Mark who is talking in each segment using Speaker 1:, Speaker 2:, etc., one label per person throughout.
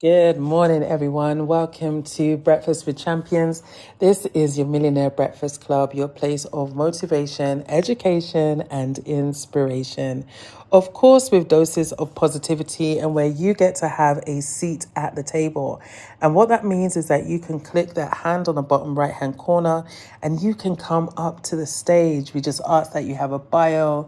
Speaker 1: Good morning, everyone. Welcome to Breakfast with Champions. This is your Millionaire Breakfast Club, your place of motivation, education, and inspiration. Of course, with doses of positivity, and where you get to have a seat at the table. And what that means is that you can click that hand on the bottom right hand corner and you can come up to the stage. We just ask that you have a bio,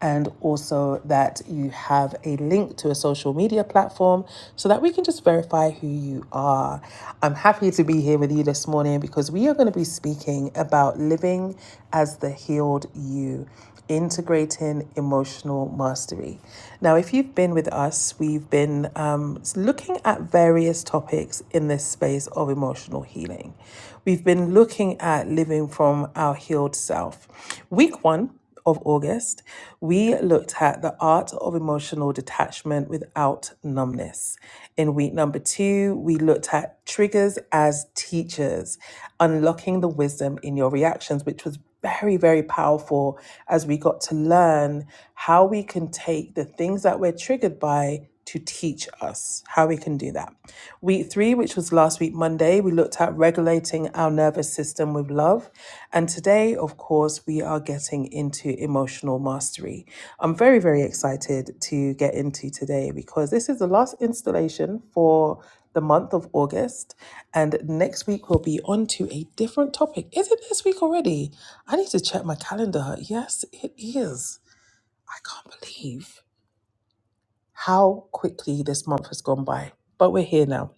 Speaker 1: and also that you have a link to a social media platform so that we can just verify who you are. I'm happy to be here with you this morning because we are going to be speaking about living as the healed you. Integrating emotional mastery. Now, if you've been with us, we've been um, looking at various topics in this space of emotional healing. We've been looking at living from our healed self. Week one of August, we looked at the art of emotional detachment without numbness. In week number two, we looked at triggers as teachers, unlocking the wisdom in your reactions, which was very, very powerful as we got to learn how we can take the things that we're triggered by to teach us how we can do that. Week three, which was last week, Monday, we looked at regulating our nervous system with love. And today, of course, we are getting into emotional mastery. I'm very, very excited to get into today because this is the last installation for the month of August. And next week, we'll be on to a different topic. Is it this week already? I need to check my calendar. Yes, it is. I can't believe how quickly this month has gone by. But we're here now.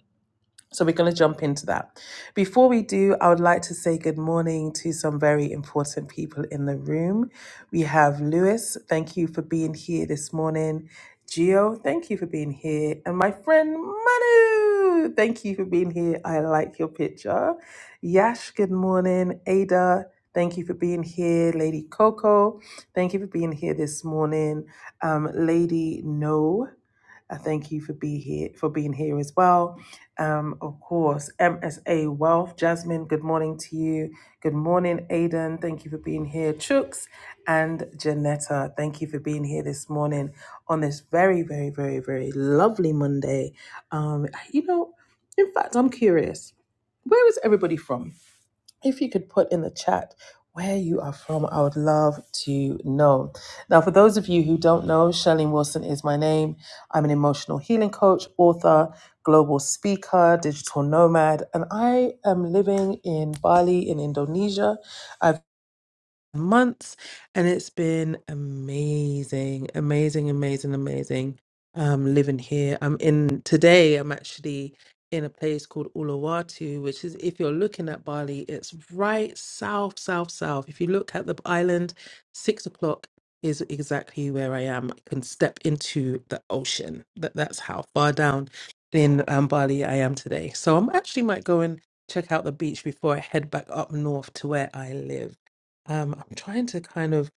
Speaker 1: So we're going to jump into that. Before we do, I would like to say good morning to some very important people in the room. We have Lewis, thank you for being here this morning. Gio, thank you for being here. And my friend Manu, thank you for being here. I like your picture. Yash, good morning. Ada, thank you for being here. Lady Coco, thank you for being here this morning. Um, Lady No, I thank you for be here for being here as well. Um, of course, MSA Wealth, Jasmine. Good morning to you. Good morning, Aiden. Thank you for being here, Chooks and Janetta. Thank you for being here this morning on this very, very, very, very lovely Monday. Um, you know, in fact, I'm curious. Where is everybody from? if you could put in the chat where you are from, I would love to know. Now, for those of you who don't know, Charlene Wilson is my name. I'm an emotional healing coach, author, global speaker, digital nomad, and I am living in Bali in Indonesia. I've months and it's been amazing amazing amazing amazing um living here i'm in today i'm actually in a place called Uluwatu which is if you're looking at Bali it's right south south south if you look at the island six o'clock is exactly where I am I can step into the ocean that that's how far down in um, Bali I am today so I'm actually might go and check out the beach before I head back up north to where I live um, I'm trying to kind of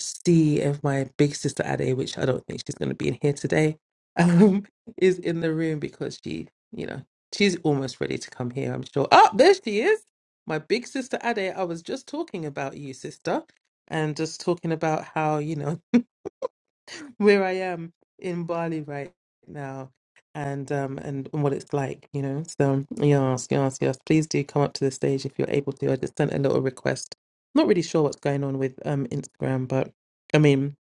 Speaker 1: see if my big sister Ade, which I don't think she's going to be in here today, um, is in the room because she, you know, she's almost ready to come here, I'm sure. Oh, there she is. My big sister Ade, I was just talking about you, sister, and just talking about how, you know, where I am in Bali right now and um and, and what it's like, you know. So yes, yes, yes. Please do come up to the stage if you're able to. I just sent a little request. Not really sure what's going on with um Instagram, but I mean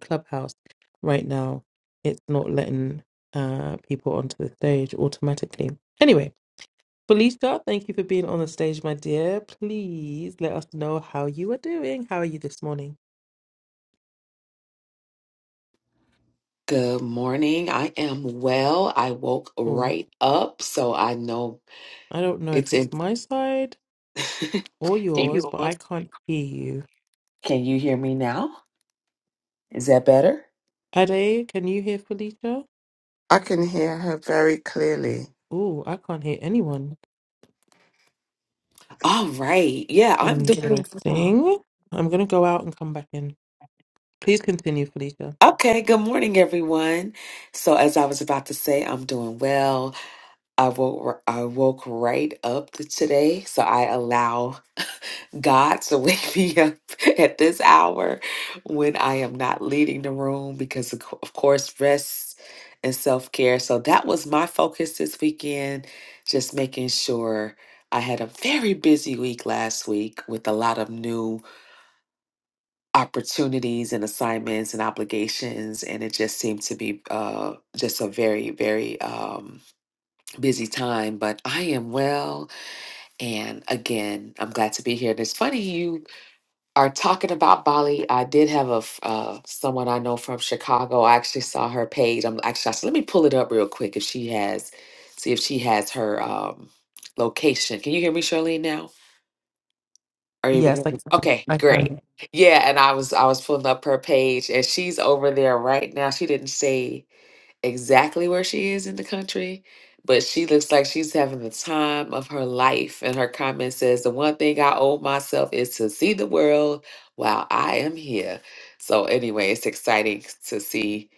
Speaker 1: Clubhouse right now, it's not letting uh people onto the stage automatically. Anyway, Felicia, thank you for being on the stage, my dear. Please let us know how you are doing. How are you this morning?
Speaker 2: Good morning. I am well. I woke
Speaker 1: Or
Speaker 2: right up, so I know
Speaker 1: I don't know if
Speaker 2: it's
Speaker 1: it's
Speaker 2: in.
Speaker 1: my side or
Speaker 2: Can
Speaker 1: yours,
Speaker 2: you
Speaker 1: but I can't hear you.
Speaker 2: can you hear me now? Is that better?
Speaker 1: Ade, can you hear Felicia?
Speaker 3: I can hear her very clearly.
Speaker 1: Ooh, I can't hear anyone.
Speaker 2: All right. Yeah, I'm doing well.
Speaker 1: Interesting. I'm gonna go out and come back in. Please continue, Felicia.
Speaker 2: Okay, good morning everyone. So as I was about to say, I'm doing well. I woke I woke right up to today, so I allow God to wake me up at this hour when I am not leading the room because, of co- of course, rest and self care. So that was my focus this weekend, just making sure I had a very busy week last week with a lot of new opportunities and assignments and obligations. And it just seemed to be uh, just a very, very um, busy time. But I am well. And again, I'm glad to be here. And it's funny you are talking about Bali, I did have a f- uh, someone I know from Chicago. I actually saw her page. I'm actually I said, let me pull it up real quick if she has, see if she has her um, location. Can you hear me, Charlene? Now are you able to
Speaker 1: Yes,
Speaker 2: hear
Speaker 1: I,
Speaker 2: me? Okay,
Speaker 1: I
Speaker 2: great.
Speaker 1: can.
Speaker 2: Yeah, and I was I was pulling up her page, and she's over there right now. She didn't say exactly where she is in the country, but she looks like she's having the time of her life. And her comment says, The one thing I owe myself is to see the world while I am here. So, anyway, it's exciting to see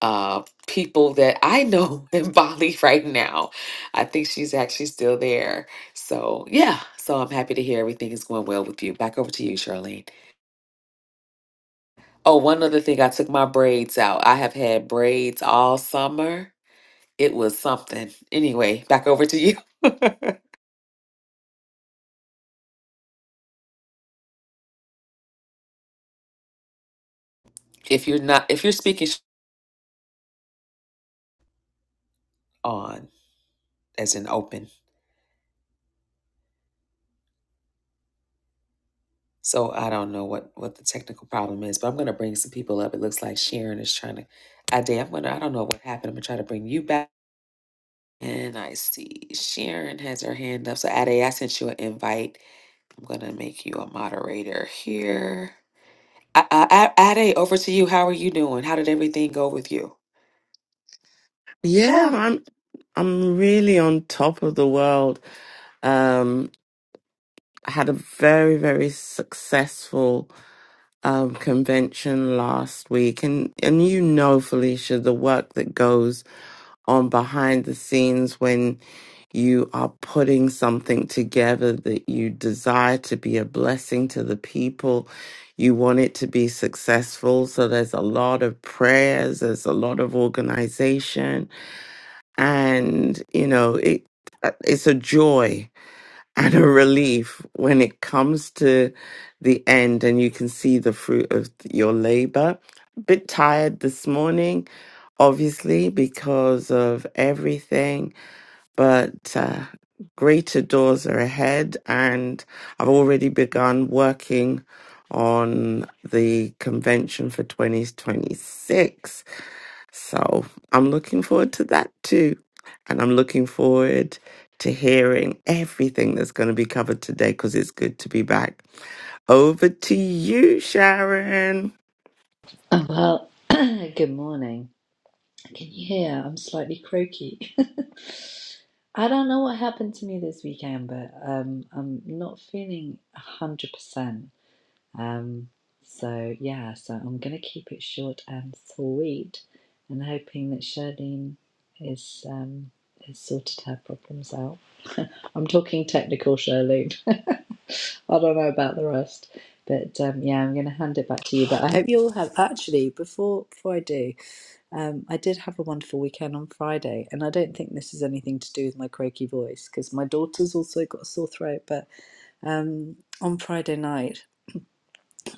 Speaker 2: uh, people that I know in Bali right now. I think she's actually still there. So, yeah. So, I'm happy to hear everything is going well with you. Back over to you, Charlene. Oh, one other thing, I took my braids out. I have had braids all summer it was something. Anyway, back over to you. if you're not, if you're speaking sh- on as in open, so I don't know what what the technical problem is, but I'm gonna bring some people up. It looks like Sharon is trying to. I did. I'm gonna. I don't know what happened. I'm gonna try to bring you back. And I see Sharon has her hand up. So Ade, I sent you an invite. I'm gonna make you a moderator here. I, I, I- Ade, over to you. How are you doing? How did everything go with you?
Speaker 3: Yeah, I'm I'm really on top of the world. Um, I had a very very successful um, convention last week, and and you know, Felicia, the work that goes on behind the scenes when you are putting something together that you desire to be a blessing to the people. You want it to be successful. So there's a lot of prayers, there's a lot of organization. And, you know, it, uh, it's a joy and a relief when it comes to the end and you can see the fruit of your labor. A bit tired this morning, obviously, because of everything, but uh, greater doors are ahead, and I've already begun working on the convention for 2026 so I'm looking forward to that too. And I'm looking forward to hearing everything that's going to be covered today because it's good to be back. Over to you, Sharon.
Speaker 4: Oh, well, good morning. Can you hear? I'm slightly croaky. I don't know what happened to me this weekend, but um, I'm not feeling 100%. Um, so, yeah, so I'm going to keep it short and sweet and hoping that Charlene is, um, has sorted her problems out. I'm talking technical, Charlene. I don't know about the rest. But um, yeah, I'm going to hand it back to you. But I hope you all have, actually, before, before I do, Um, I did have a wonderful weekend on Friday, and I don't think this is anything to do with my croaky voice because my daughter's also got a sore throat. But um, on Friday night,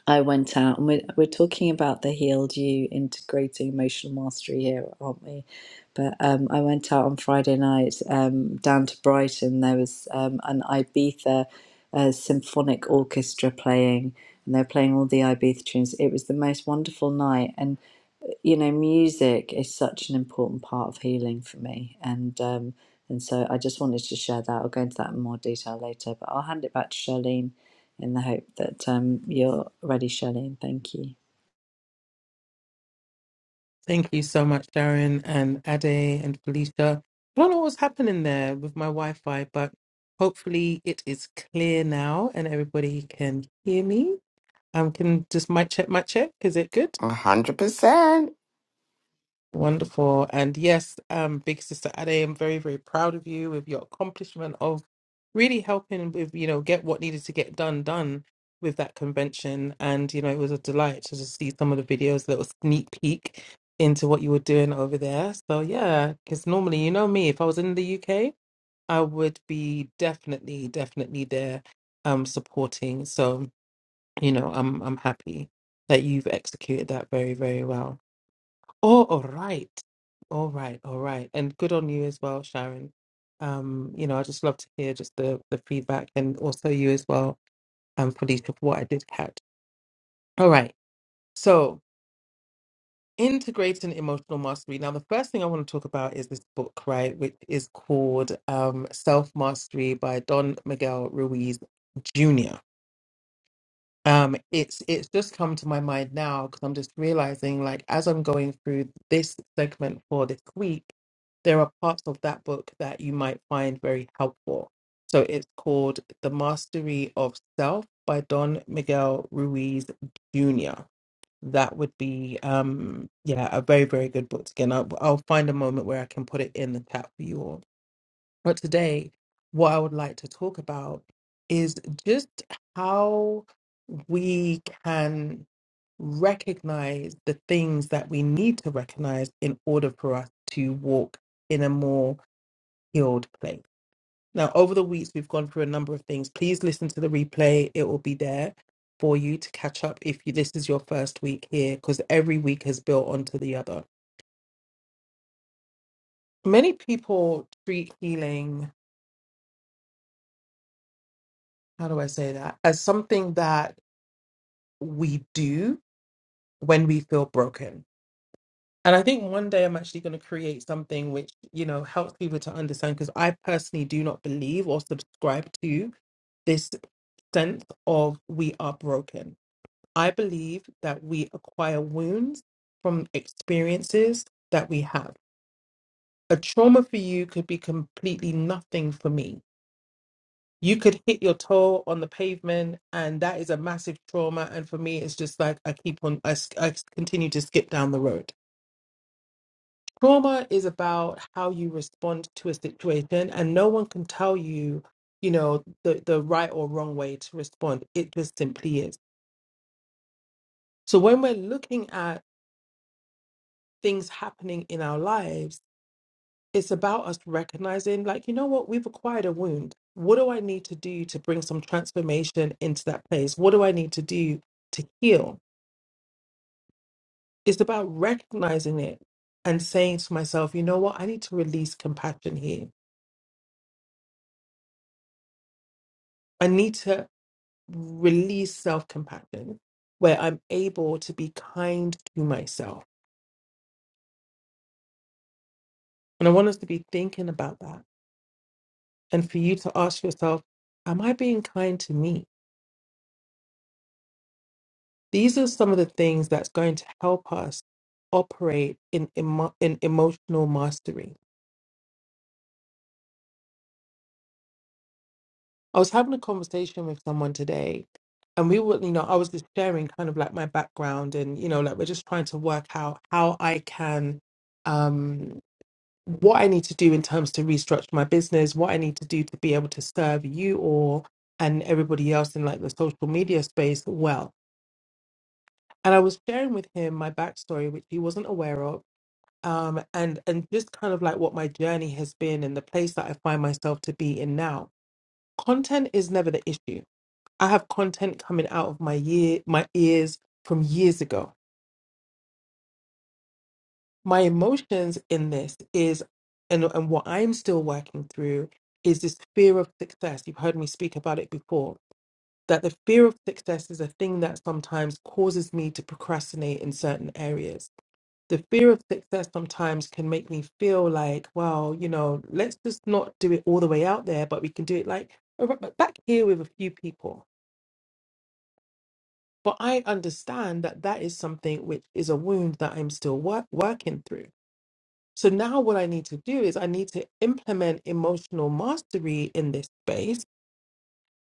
Speaker 4: I went out and we're, we're talking about the healed you integrating emotional mastery here, aren't we? But um, I went out on Friday night um, down to Brighton. There was um, an Ibiza uh, symphonic orchestra playing, and they're playing all the Ibiza tunes. It was the most wonderful night, and you know, music is such an important part of healing for me, and um, and so I just wanted to share that. I'll go into that in more detail later, but I'll hand it back to Charlene, in the hope that um, you're ready, Charlene. Thank you.
Speaker 1: Thank you so much, Sharon and Ade and Felicia. I don't know what's happening there with my Wi-Fi, but hopefully it is clear now and everybody can hear me. Um, can just mic check, mic check. Is it good?
Speaker 3: 100%.
Speaker 1: Wonderful. And yes, um, big sister Ade, I'm very, very proud of you with your accomplishment of really helping with, you know, get what needed to get done done with that convention. And, you know, it was a delight to just see some of the videos, little sneak peek into what you were doing over there. So yeah, because normally, you know me, if I was in the UK, I would be definitely, definitely there um supporting. So, you know, I'm I'm happy that you've executed that very, very well. Oh, all right. All right, all right. And good on you as well, Sharon. Um, you know, I just love to hear just the the feedback and also you as well, um, Felicia, for what I did catch. All right. So integrating emotional mastery. Now, the first thing I want to talk about is this book, right, which is called um Self Mastery by Don Miguel Ruiz Jr. um it's it's just come to my mind now because i'm just realizing like as i'm going through this segment for this week there are parts of that book that you might find very helpful so it's called the mastery of self by don miguel ruiz jr that would be um yeah a very very good book to get and I'll, I'll find a moment where i can put it in the chat for you all but today, what I would like to talk about is just how we can recognize the things that we need to recognize in order for us to walk in a more healed place. Now, over the weeks, we've gone through a number of things. Please listen to the replay, it will be there for you to catch up if you, this is your first week here, because every week has built onto the other. Many people treat healing, how do I say that, as something that we do when we feel broken. And I think one day I'm actually going to create something which, you know, helps people to understand because I personally do not believe or subscribe to this sense of we are broken. I believe that we acquire wounds from experiences that we have. A trauma for you could be completely nothing for me you could hit your toe on the pavement and that is a massive trauma and for me it's just like i keep on i, s- I s- continue to skip down the road trauma is about how you respond to a situation and no one can tell you you know the, the right or wrong way to respond it just simply is so when we're looking at things happening in our lives it's about us recognizing like you know what we've acquired a wound what do i need to do to bring some transformation into that place what do i need to do to heal It's about recognizing it and saying to myself, you know what? I need to release compassion here. I need to release self compassion where I'm able to be kind to myself. And I want us to be thinking about that and for you to ask yourself, am I being kind to me? These are some of the things that's going to help us operate in, emo- in emotional mastery I was having a conversation with someone today, and we were, you know, I was just sharing kind of like my background, and you know, like we're just trying to work out how I can, um, what I need to do in terms to restructure my business, what I need to do to be able to serve you all and everybody else in like the social media space well. And I was sharing with him my backstory, which he wasn't aware of, um, and and just kind of like what my journey has been and the place that I find myself to be in now. Content is never the issue I have content coming out of my year, my ears from years ago. My emotions in this is, and and what I'm still working through is this fear of success. You've heard me speak about it before. That the fear of success is a thing that sometimes causes me to procrastinate in certain areas. The fear of success sometimes can make me feel like, well, you know, let's just not do it all the way out there, but we can do it like ar- back here with a few people But I understand that that is something which is a wound that I'm still wor- working through. So now what I need to do is I need to implement emotional mastery in this space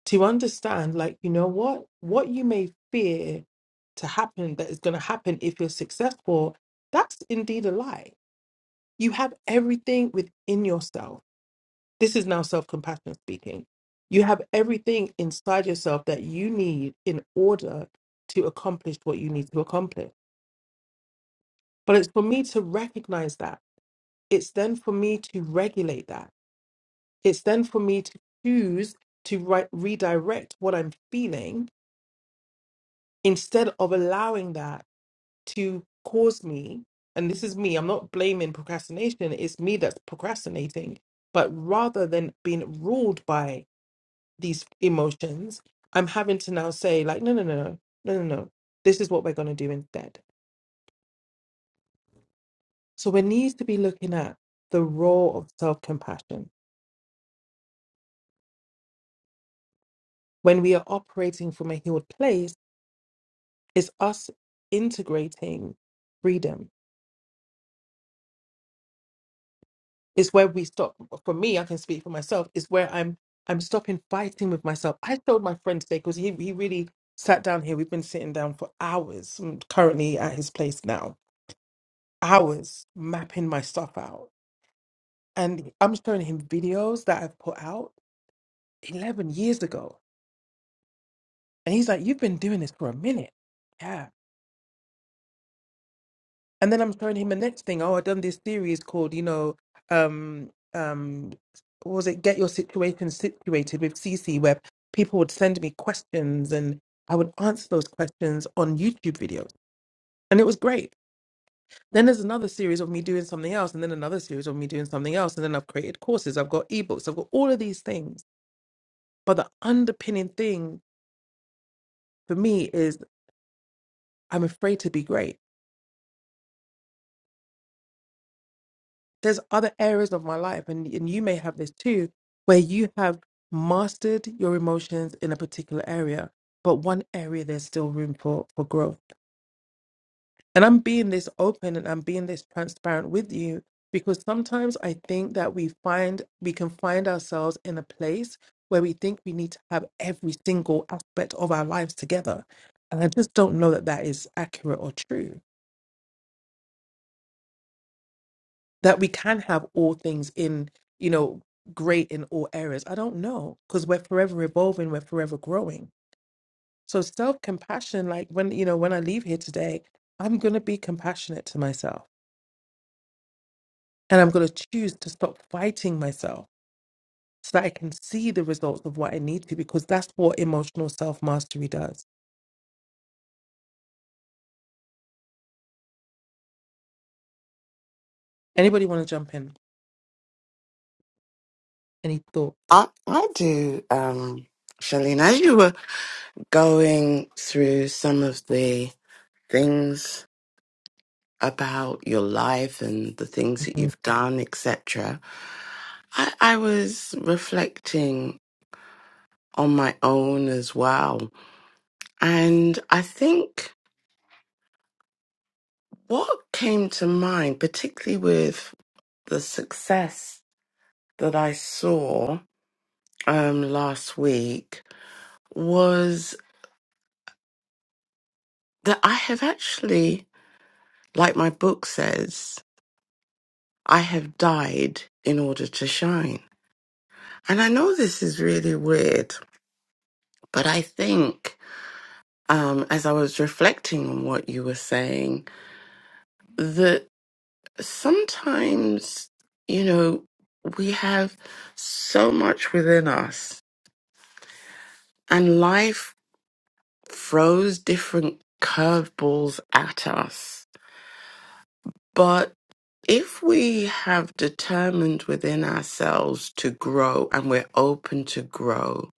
Speaker 1: to understand, like, you know what? What you may fear to happen that is going to happen if you're successful, that's indeed a lie. You have everything within yourself. This is now self compassion speaking. You have everything inside yourself that you need in order to accomplish what you need to accomplish. But it's for me to recognize that. It's then for me to regulate that. It's then for me to choose to re- redirect what I'm feeling instead of allowing that to cause me. And this is me, I'm not blaming procrastination, it's me that's procrastinating. But rather than being ruled by these emotions, I'm having to now say, like, no, no, no, no, no, no, no. This is what we're going to do instead. So we need to be looking at the role of self compassion when we are operating from a healed place it's us integrating freedom It's where we stop for me i can speak for myself is where i'm i'm stopping fighting with myself i told my friend today because he, he really sat down here we've been sitting down for hours I'm currently at his place now hours mapping my stuff out and i'm showing him videos that i've put out 11 years ago and he's like you've been doing this for a minute yeah and then I'm showing him the next thing. Oh, I've done this series called, you know, um, um, what was it Get Your Situation Situated with CC, where people would send me questions and I would answer those questions on YouTube videos. And it was great. Then there's another series of me doing something else, and then another series of me doing something else. And then I've created courses, I've got ebooks, I've got all of these things. But the underpinning thing for me is I'm afraid to be great. there's other areas of my life and, and you may have this too where you have mastered your emotions in a particular area but one area there's still room for for growth and i'm being this open and i'm being this transparent with you because sometimes i think that we find we can find ourselves in a place where we think we need to have every single aspect of our lives together and i just don't know that that is accurate or true that we can have all things in, you know, great in all areas. I don't know because we're forever evolving, we're forever growing. So self compassion, like when you know, when I leave here today, I'm gonna be compassionate to myself, and I'm gonna choose to stop fighting myself so that I can see the results of what I need to, because that's what emotional self mastery does. Anybody want to jump in? Any thought?
Speaker 3: I, I do. Um, Charlene, as you were going through some of the things about your life and the things that you've done, etc., I, I was reflecting on my own as well And I think what came to mind, particularly with the success that I saw um, last week, was that I have actually, like my book says, I have died in order to shine. And I know this is really weird, but I think um, as I was reflecting on what you were saying, that. sometimes, you know, we have so much within us, and life throws different curveballs at us. But if we have determined within ourselves to grow and we're open to grow,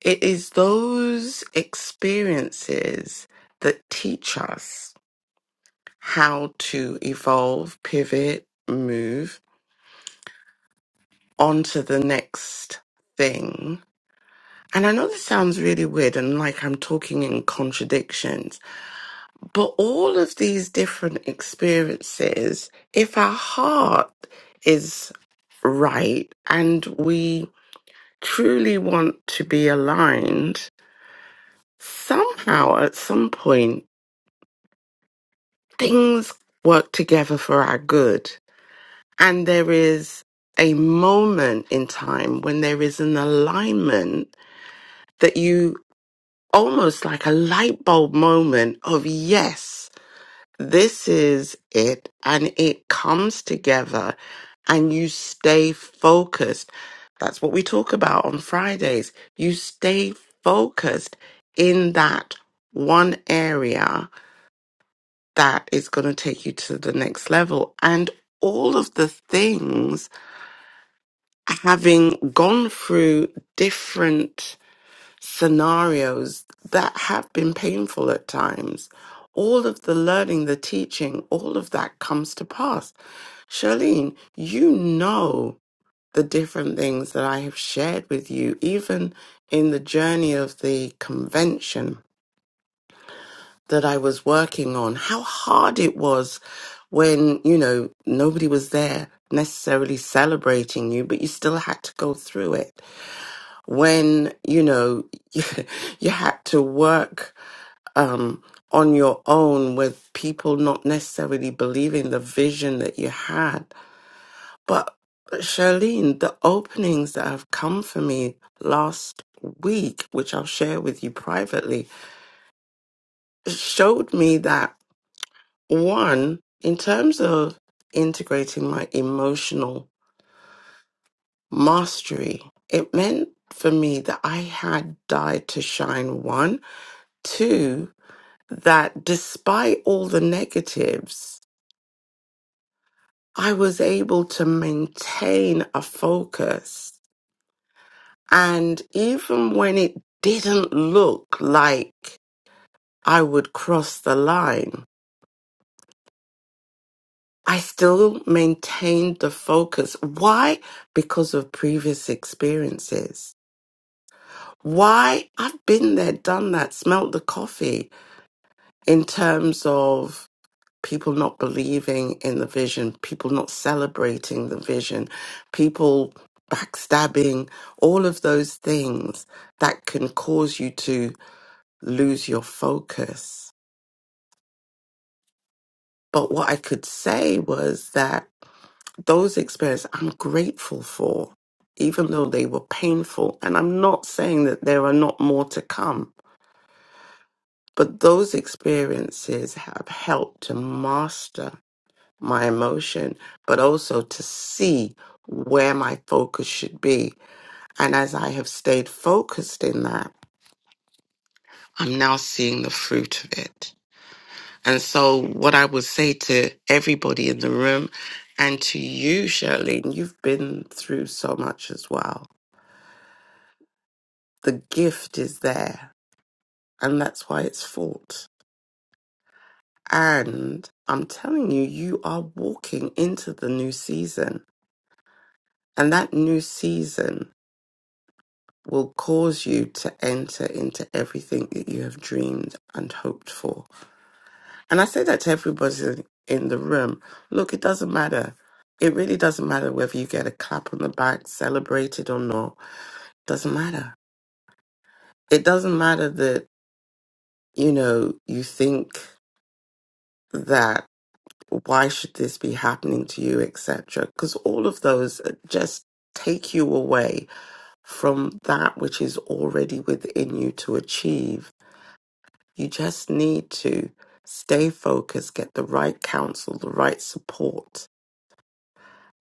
Speaker 3: it is those experiences that teach us how to evolve, pivot, move onto the next thing And I know this sounds really weird and like I'm talking in contradictions, but all of these different experiences, if our heart is right and we truly want to be aligned, somehow at some point things work together for our good. And there is a moment in time when there is an alignment that you almost like a light bulb moment of yes This is it. And it comes together and you stay focused. That's what we talk about on Fridays. You stay focused in that one area that is going to take you to the next level. And all of the things having gone through different scenarios that have been painful at times all of the learning, the teaching, all of that comes to pass Charlene, you know the different things that I have shared with you, even in the journey of the convention that I was working on, how hard it was when, you know, nobody was there necessarily celebrating you, but you still had to go through it. When, you know, you, you had to work um, on your own with people not necessarily believing the vision that you had But Charlene, the openings that have come for me last week, which I'll share with you privately, showed me that one, in terms of integrating my emotional mastery, it meant for me that I had died to shine one. Two, that despite all the negatives, I was able to maintain a focus And even when it didn't look like I would cross the line, I still maintained the focus. Why? Because of previous experiences. Why? I've been there, done that, smelt the coffee in terms of people not believing in the vision, people not celebrating the vision, people backstabbing, all of those things that can cause you to lose your focus. But what I could say was that those experiences I'm grateful for, even though they were painful. And I'm not saying that there are not more to come, but those experiences have helped to master my emotion, but also to see where my focus should be. And as I have stayed focused in that, I'm now seeing the fruit of it. And so, what I would say to everybody in the room and to you, Charlene, you've been through so much as well. The gift is there, and that's why it's fought. And I'm telling you, you are walking into the new season, and that new season will cause you to enter into everything that you have dreamed and hoped for. And I say that to everybody in the room. Look, it doesn't matter. It really doesn't matter whether you get a clap on the back, celebrated or not. It Doesn't matter. It doesn't matter that, you know, you think that why should this be happening to you, etc. Because all of those uh, just take you away from that which is already within you to achieve. You just need to stay focused, get the right counsel, the right support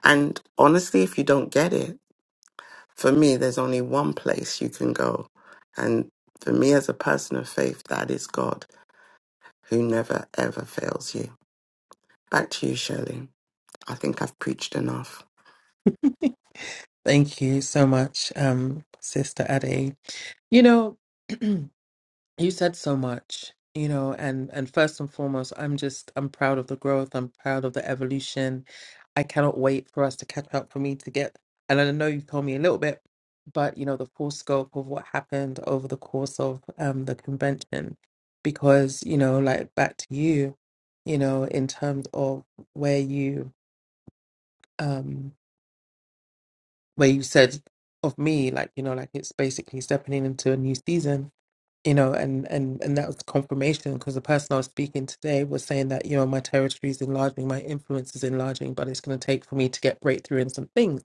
Speaker 3: And honestly, if you don't get it, for me, there's only one place you can go. And for me, as a person of faith, that is God, who never, ever fails you. Back to you, Shirley. I think I've preached enough.
Speaker 1: Thank you so much, um, Sister Ade. You know. you said so much you know and and first and foremost i'm just i'm proud of the growth i'm proud of the evolution i cannot wait for us to catch up for me to get and i know you've told me a little bit but you know the full scope of what happened over the course of um the convention because you know like back to you you know in terms of where you um where you said of me like you know like it's basically stepping into a new season you know and and and that was confirmation because the person i was speaking today was saying that you know my territory is enlarging my influence is enlarging but it's going to take for me to get breakthrough in some things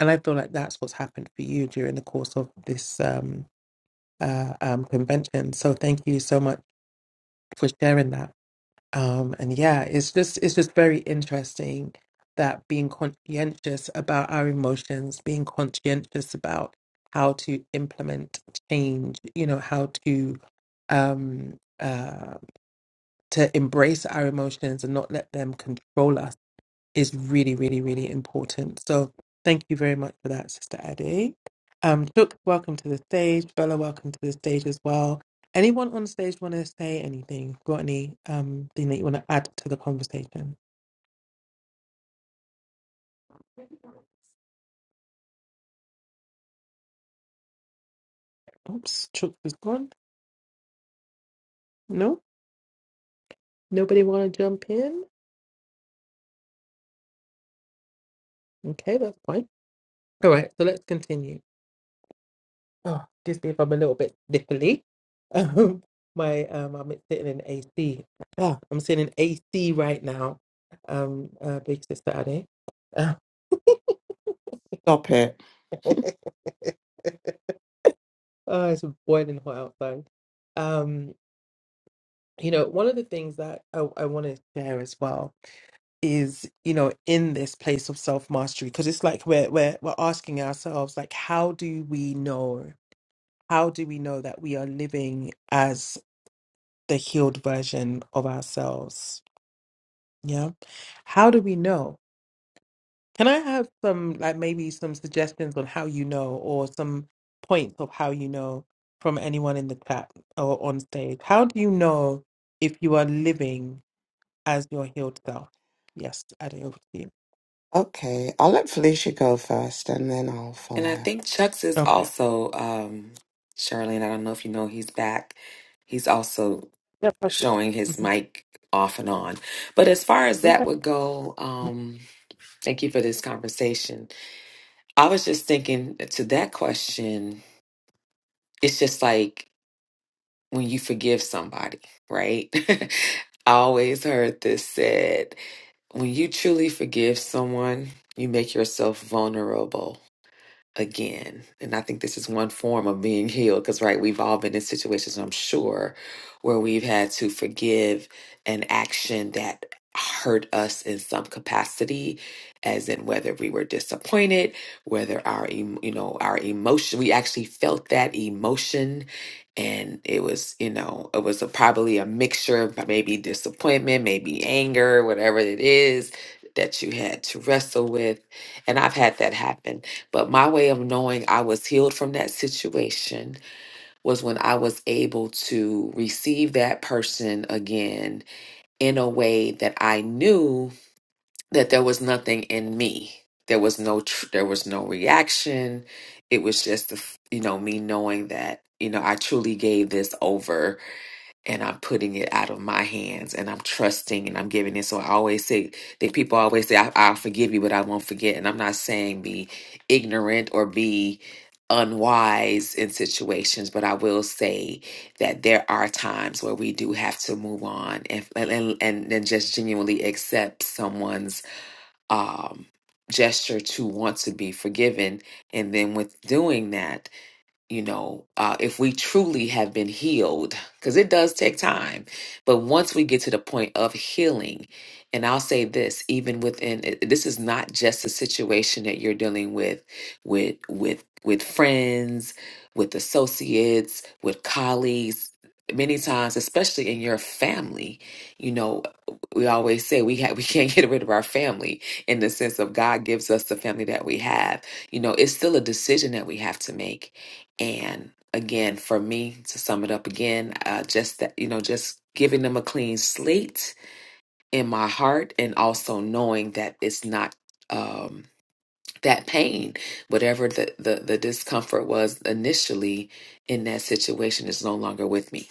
Speaker 1: and i feel like that's what's happened for you during the course of this um uh um convention so thank you so much for sharing that um, and yeah, it's just it's just very interesting that being conscientious about our emotions, being conscientious about how to implement change, you know, how to um uh to embrace our emotions and not let them control us is really, really, really important. So thank you very much for that, Sister Ade. Um, Took, welcome to the stage. Bella, welcome to the stage as well. Anyone on stage want to say anything? Got any um thing that you want to add to the conversation? Oops, Chuck is gone. No, nobody want to jump in. Okay, that's fine. All right, so let's continue. Oh, just if I'm a little bit sniffly. Um, my um, I'm sitting in AC. Ah, I'm sitting in AC right now. Um, uh, big sister Ade.
Speaker 3: Stop it.
Speaker 1: oh, it's boiling hot outside. Um, you know, one of the things that I, I want to share as well is, you know, in this place of self mastery, because it's like we're we're we're asking ourselves, like, how do we know? How do we know that we are living the healed version of ourselves. Yeah. How do we know? Can I have some, like maybe some suggestions on how you know or some points of how you know from anyone in the chat or on stage? How do you know if you are living as your healed self? Yes, I do.
Speaker 3: Okay, I'll let Felicia go first and then I'll
Speaker 2: And
Speaker 3: follow
Speaker 2: I
Speaker 3: her.
Speaker 2: think Chuck's is
Speaker 1: Okay.
Speaker 2: also, um, Charlene, I don't know if you know, he's back. He's also
Speaker 1: Yep. that's-
Speaker 2: showing his
Speaker 1: Mhm.
Speaker 2: mic off and on. But as far as that
Speaker 1: Okay.
Speaker 2: would go, um, thank you for this conversation. I was just thinking to that question, it's just like when you forgive somebody, right? I always heard this said when you truly forgive someone, you make yourself vulnerable again. And I think this is one form of being healed because, right, we've all been in situations, I'm sure, where we've had to forgive an action that hurt us in some capacity as in whether we were disappointed whether our em- you know our emotion we actually felt that emotion and it was you know it was a, probably a mixture of uh, maybe disappointment maybe anger whatever it is that you had to wrestle with and i've had that happen but my way of knowing I was healed from that situation was when I was able to receive that person again in a way that I knew that there was nothing in me. There was no tr- there was no reaction. It was just the, f- you know me knowing that you know I truly gave this over and I'm putting it out of my hands and I'm trusting and I'm giving it. So I always say that people always say, I, I'll forgive you, but I won't forget. And I'm not saying be ignorant or be unwise in situations, but I will say that there are times where we do have to move on and and and, and just genuinely accept someone's um gesture to want to be forgiven. And then with doing that, you know, uh, if we truly have been healed, because it does take time. But once we get to the point of healing, and I'll say this, even within it- this is not just a situation that you're dealing with, with with with friends, with associates, with colleagues. Many times, especially in your family, you know, we always say we have we can't get rid of our family in the sense of God gives us the family that we have. You know, it's still a decision that we have to make and again, for me to sum it up again, uh, just that you know, just giving them a clean slate in my heart, and also knowing that it's not um, that pain, whatever the, the the discomfort was initially in that situation, is no longer with me.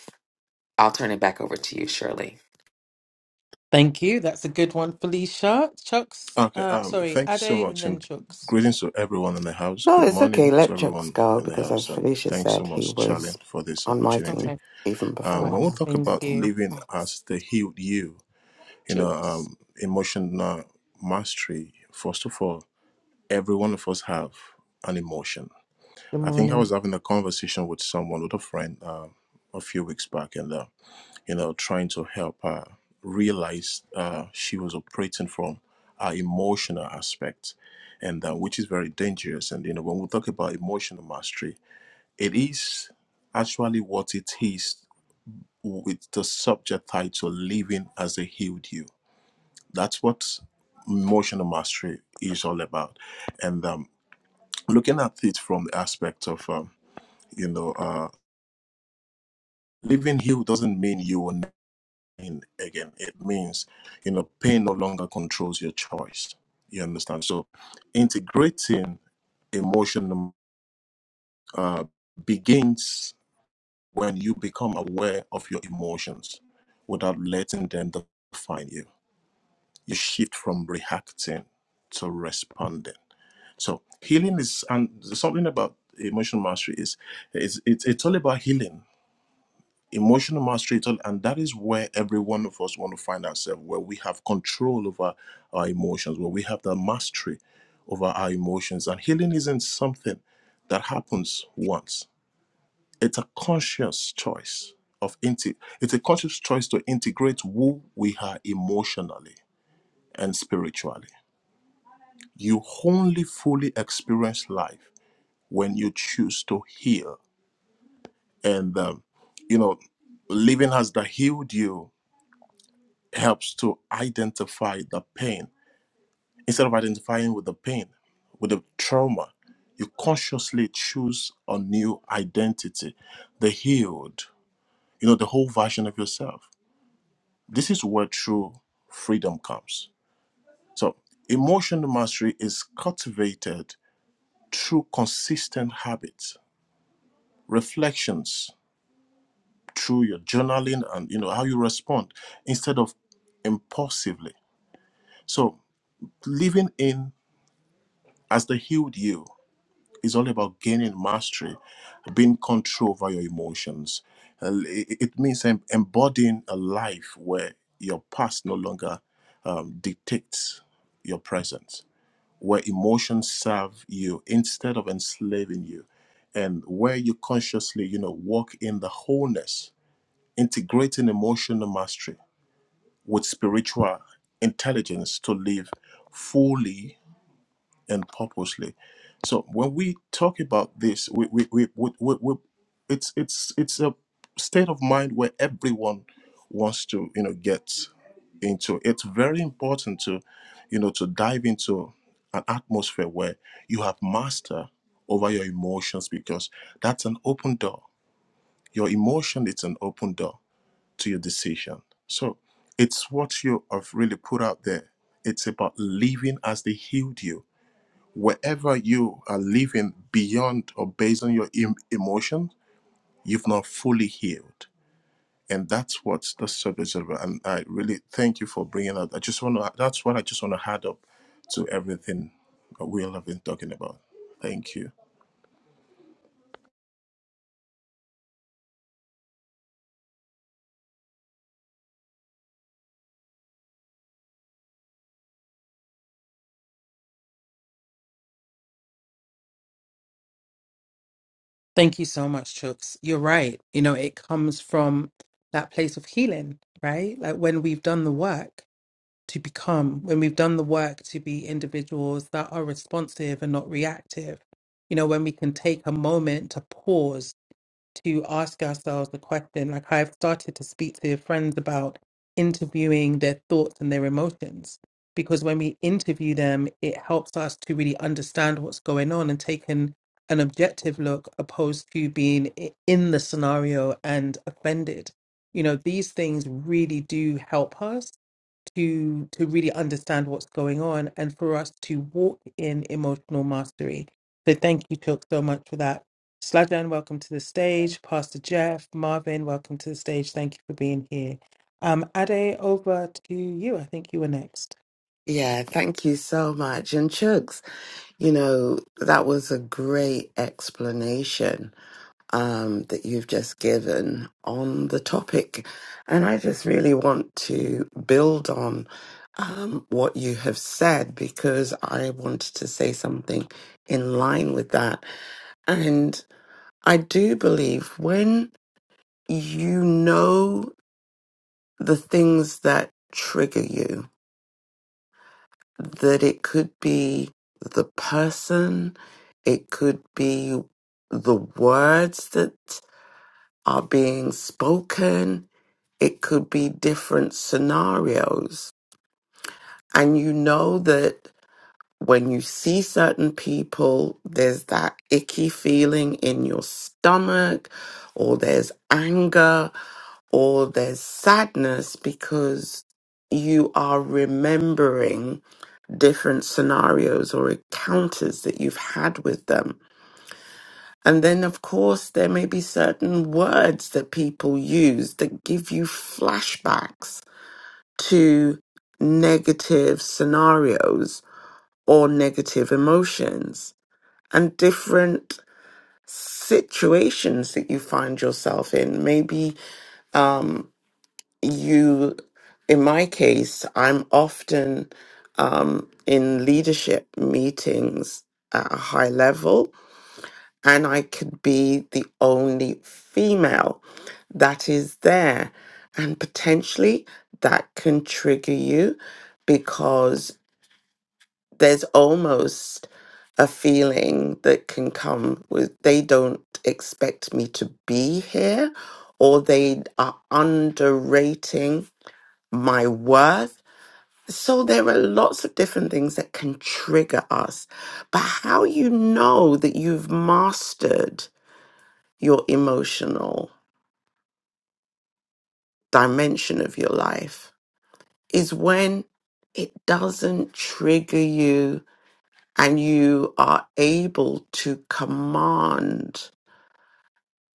Speaker 2: I'll turn it back over to you, Shirley.
Speaker 1: Thank you. That's a good one, Felicia. Chucks,
Speaker 5: Okay,
Speaker 1: uh,
Speaker 5: um,
Speaker 1: sorry,
Speaker 5: thank you so
Speaker 1: Ade and
Speaker 5: much,
Speaker 1: then
Speaker 5: and
Speaker 1: Chucks.
Speaker 5: greetings to everyone in the house.
Speaker 3: No,
Speaker 5: Good
Speaker 3: it's okay.
Speaker 5: morning to
Speaker 3: Let
Speaker 5: everyone
Speaker 3: Jux go
Speaker 5: in the
Speaker 3: because, as
Speaker 5: house, and
Speaker 3: Felicia
Speaker 5: thanks so
Speaker 3: said, he
Speaker 5: much,
Speaker 3: was
Speaker 5: Charlene, for this
Speaker 3: on
Speaker 5: opportunity.
Speaker 3: miking
Speaker 1: Okay.
Speaker 3: even
Speaker 1: All
Speaker 5: Um,
Speaker 3: before
Speaker 5: when
Speaker 1: right.
Speaker 5: we
Speaker 3: her.
Speaker 5: talk
Speaker 1: Thank
Speaker 5: about
Speaker 3: Okay,
Speaker 1: you.
Speaker 5: living
Speaker 3: thanks.
Speaker 5: as the healed you, you know,
Speaker 1: Chucks.
Speaker 5: um, emotional mastery. First of all, every one of us have an emotion.
Speaker 1: Good
Speaker 5: I think I
Speaker 1: morning.
Speaker 5: was having a conversation with someone, with a friend, um, a few weeks back, and uh, you know, trying to help her realize uh, she was operating from her emotional aspect, and uh, which is very dangerous. And you know, when we talk about emotional mastery, it is actually what it is with the subject title "Living as a Healed You." That's what emotional mastery is all about. And um, looking at it from the aspect of um, you know, uh, living healed doesn't mean you will pain again. It means, you know, pain no longer controls your choice. You understand? So integrating emotion uh, begins when you become aware of your emotions without letting them define you. You shift from reacting to responding. So healing is, and something about emotional mastery is, is it's, it's all about healing emotional mastery tool, and that is where every one of us want to find ourselves where we have control over our emotions where we have the mastery over our emotions and healing isn't something that happens once it's a conscious choice of inte- it's a conscious choice to integrate who we are emotionally and spiritually you only fully experience life when you choose to heal and um, you know living has the healed you helps to identify the pain. Instead of identifying with the pain, with the trauma, you consciously choose a new identity, the healed, you know, the whole version of yourself. This is where true freedom comes. So, emotional mastery is cultivated through consistent habits, reflections, through your journaling and, you know, how you respond instead of impulsively. So, living in as the healed you It's all about gaining mastery, being control over your emotions. Uh, It it means em- embodying a life where your past no longer um, dictates your present, where emotions serve you instead of enslaving you, and where you consciously, you know, walk in the wholeness, integrating emotional mastery with spiritual intelligence to live fully and purposely. So when we talk about this, we, we, we, we, we, we it's it's it's a state of mind where everyone wants to you know get into. It's very important to you know to dive into an atmosphere where you have master over your emotions because that's an open door. Your emotion is an open door to your decision. So it's what you have really put out there. It's about living as they healed you wherever you are living beyond or based on your em- emotion, you've not fully healed. And that's what the service is about. And I really thank you for bringing that. I just want to, that's what I just want to add up to everything that we all have been talking about. Thank you.
Speaker 1: Thank you so much, Chooks. You're right. You know, it comes from that place of healing, right? Like when we've done the work to become, when we've done the work to be individuals that are responsive and not reactive, you know, when we can take a moment to pause to ask ourselves the question like I've started to speak to friends about interviewing their thoughts and their emotions because when we interview them it helps us to really understand what's going on and take an, an objective look opposed to being i- in the scenario and offended you know these things really do help us to to really understand what's going on and for us to walk in emotional mastery. So thank you, Took, so much for that. Slajan, welcome to the stage. Pastor Jeff, Marvin, welcome to the stage. Thank you for being here. Um, Ade, over to you. I think you were next.
Speaker 3: Yeah, thank you so much. And Chugs, you know, that was a great explanation um, that you've just given on the topic. And I just really want to build on um, what you have said because I wanted to say something in line with that. And I do believe when you know the things that trigger you, that it could be the person, it could be the words that are being spoken, it could be different scenarios. And you know that when you see certain people, there's that icky feeling in your stomach, or there's anger, or there's sadness because you are remembering different scenarios or encounters that you've had with them. And then, of course, there may be certain words that people use that give you flashbacks to negative scenarios or negative emotions and different situations that you find yourself in. Maybe um, you in my case i'm often um, in leadership meetings at a high level and i could be the only female that is there and potentially that can trigger you because there's almost a feeling that can come with they don't expect me to be here or they are underrating my worth. So there are lots of different things that can trigger us. But how you know that you've mastered your emotional dimension of your life is when it doesn't trigger you and you are able to command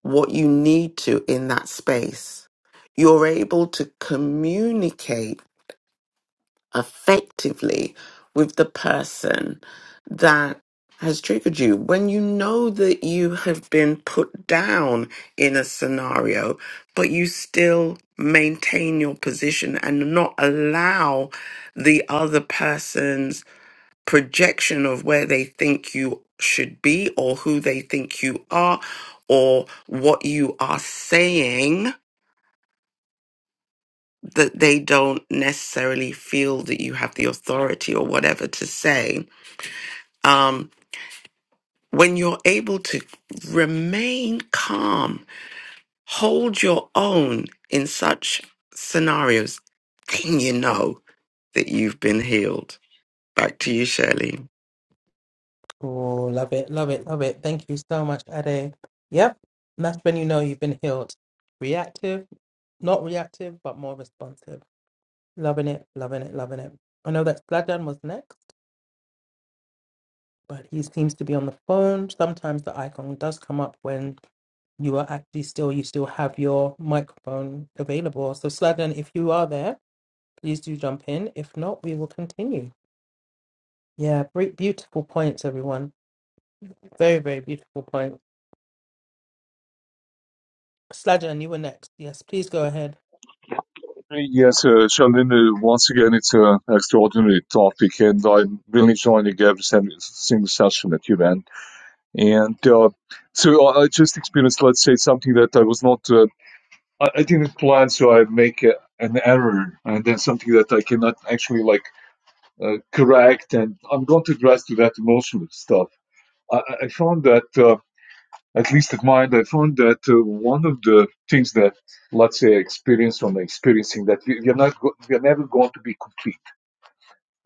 Speaker 3: what you need to in that space. You're able to communicate effectively with the person that has triggered you. When you know that you have been put down in a scenario, but you still maintain your position and not allow the other person's projection of where they think you should be or who they think you are or what you are saying that they don't necessarily feel that you have the authority or whatever to say. Um, when you're able to remain calm, hold your own in such scenarios, then you know that you've been healed. Back to you, Shirley.
Speaker 1: Oh, love it, love it, love it. Thank you so much, Ade. Yep, and that's when you know you've been healed. Reactive, not reactive, but more responsive. Loving it, loving it, loving it. I know that Slajan was next. but he seems to be on the phone. Sometimes the icon does come up when you are actually still you still have your microphone available. So Sladen, if you are there, please do jump in. If not, we will continue. Yeah, great, beautiful points, everyone. Very, very beautiful point. Sladen, you were next. Yes, please go ahead.
Speaker 6: Yes, uh, Charlene, uh, once again, it's an extraordinary topic, and I'm really enjoying every sem- single session that you have ran. And uh, so I I just experienced, let's say, something that I was not, uh, I, I didn't plan, so I make a, an error, and then something that I cannot actually like uh, correct, and I'm going to address to that emotional stuff. I, I I found that. Uh, at least at mine, I found that uh, one of the things that, let's say, I experienced from experiencing that we, we are not, go- we are never going to be complete.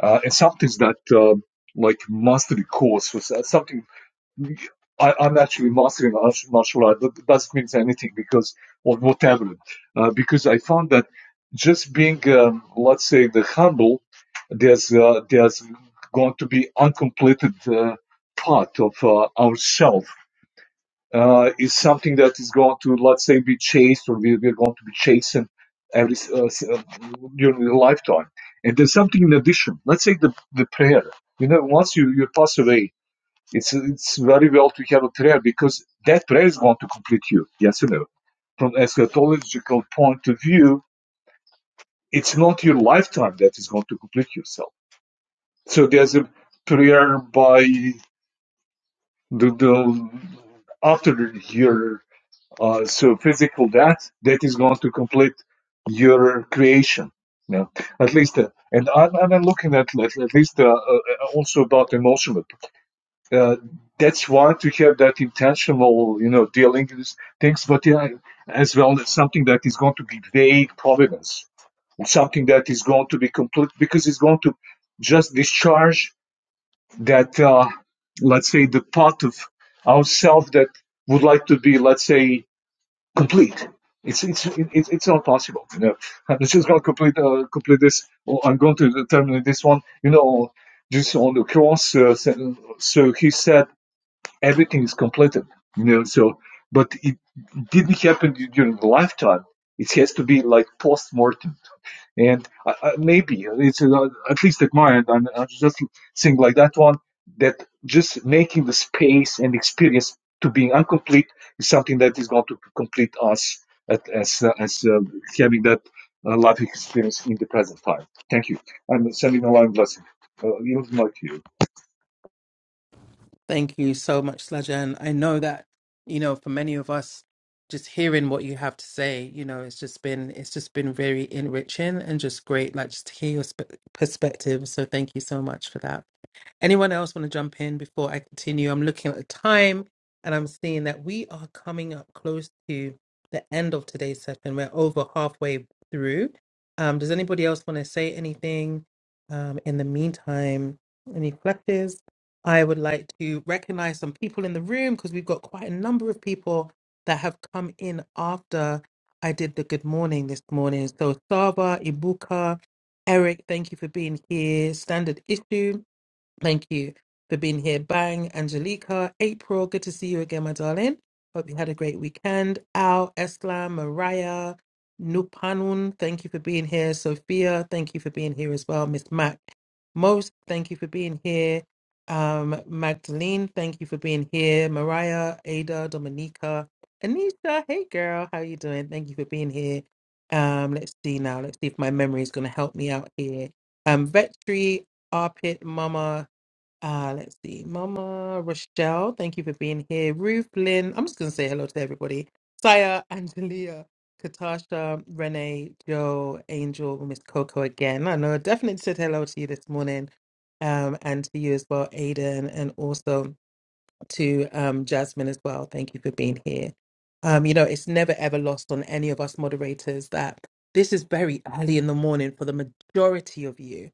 Speaker 6: Uh, and some things that, um like mastery course was uh, something I, I'm actually mastering mar- martial art, but that doesn't mean anything because, or whatever, uh, because I found that just being, um, let's say, the humble, there's, uh, there's going to be uncompleted uh, part of uh, ourself uh, is something that is going to, let's say, be chased or we, we're going to be chasing every uh, s- uh, during the lifetime. And there's something in addition. Let's say the, the prayer. You know, once you, you pass away, it's it's very well to have a prayer because that prayer is going to complete you. Yes or no? From eschatological point of view, it's not your lifetime that is going to complete yourself. So there's a prayer by the, the after your Uh, so physical that that is going to complete your creation. You know, at least, uh, and I'm, I'm looking at at, least uh, uh, uh, also about emotional. Uh, that's why to have that intentional, you know, dealing with things, but yeah, as well as something that is going to be vague providence, something that is going to be complete because it's going to just discharge that, uh, let's say, the part of ourselves that would like to be, let's say, complete. It's it's it's it's not possible. You know, I'm just going to complete uh, complete this, or I'm going to terminate this one. You know, just on the cross. Uh, so so he said everything is completed. You know, so but it didn't happen during the lifetime. It has to be like post mortem and uh, uh, maybe it's uh, at least at my end, I'm, I'm just saying like that one that just making the space and experience to being incomplete is something that is going to complete us at, as uh, as uh, having that uh, life experience in the present time. Thank you. I'm sending a long blessing. Uh, yield the mic to you.
Speaker 1: Thank you so much, Slaja. And I know that, you know, for many of us, just hearing what you have to say, you know, it's just been it's just been very enriching and just great, like just to hear your sp- perspective. So thank you so much for that. Anyone else want to jump in before I continue? I'm looking at the time and I'm seeing that we are coming up close to the end of today's session. We're over halfway through. Um, does anybody else want to say anything um, in the meantime? Any reflectors? I would like to recognize some people in the room because we've got quite a number of people that have come in after I did the good morning this morning. So, Saba, Ibuka, Eric, thank you for being here. Standard issue. Thank you for being here. Bang, Angelica, April, good to see you again, my darling. Hope you had a great weekend. Al, Eslam, Mariah, Nupanun, thank you for being here. Sophia, thank you for being here as well. Miss Mac, most, thank you for being here. Um, Magdalene, thank you for being here. Mariah, Ada, Dominica, Anisha, hey girl, how you doing? Thank you for being here. Um, let's see now. Let's see if my memory is going to help me out here. Um, Vetri, Arpit, Mama, uh, let's see. Mama Rochelle, thank you for being here. Ruth Lynn, I'm just going to say hello to everybody. Saya, Angelia, Katasha, Renee, Joe, Angel, Miss Coco again. I know I definitely said hello to you this morning um, and to you as well, Aiden, and also to um, Jasmine as well. Thank you for being here. Um, you know, it's never ever lost on any of us moderators that this is very early in the morning for the majority of you.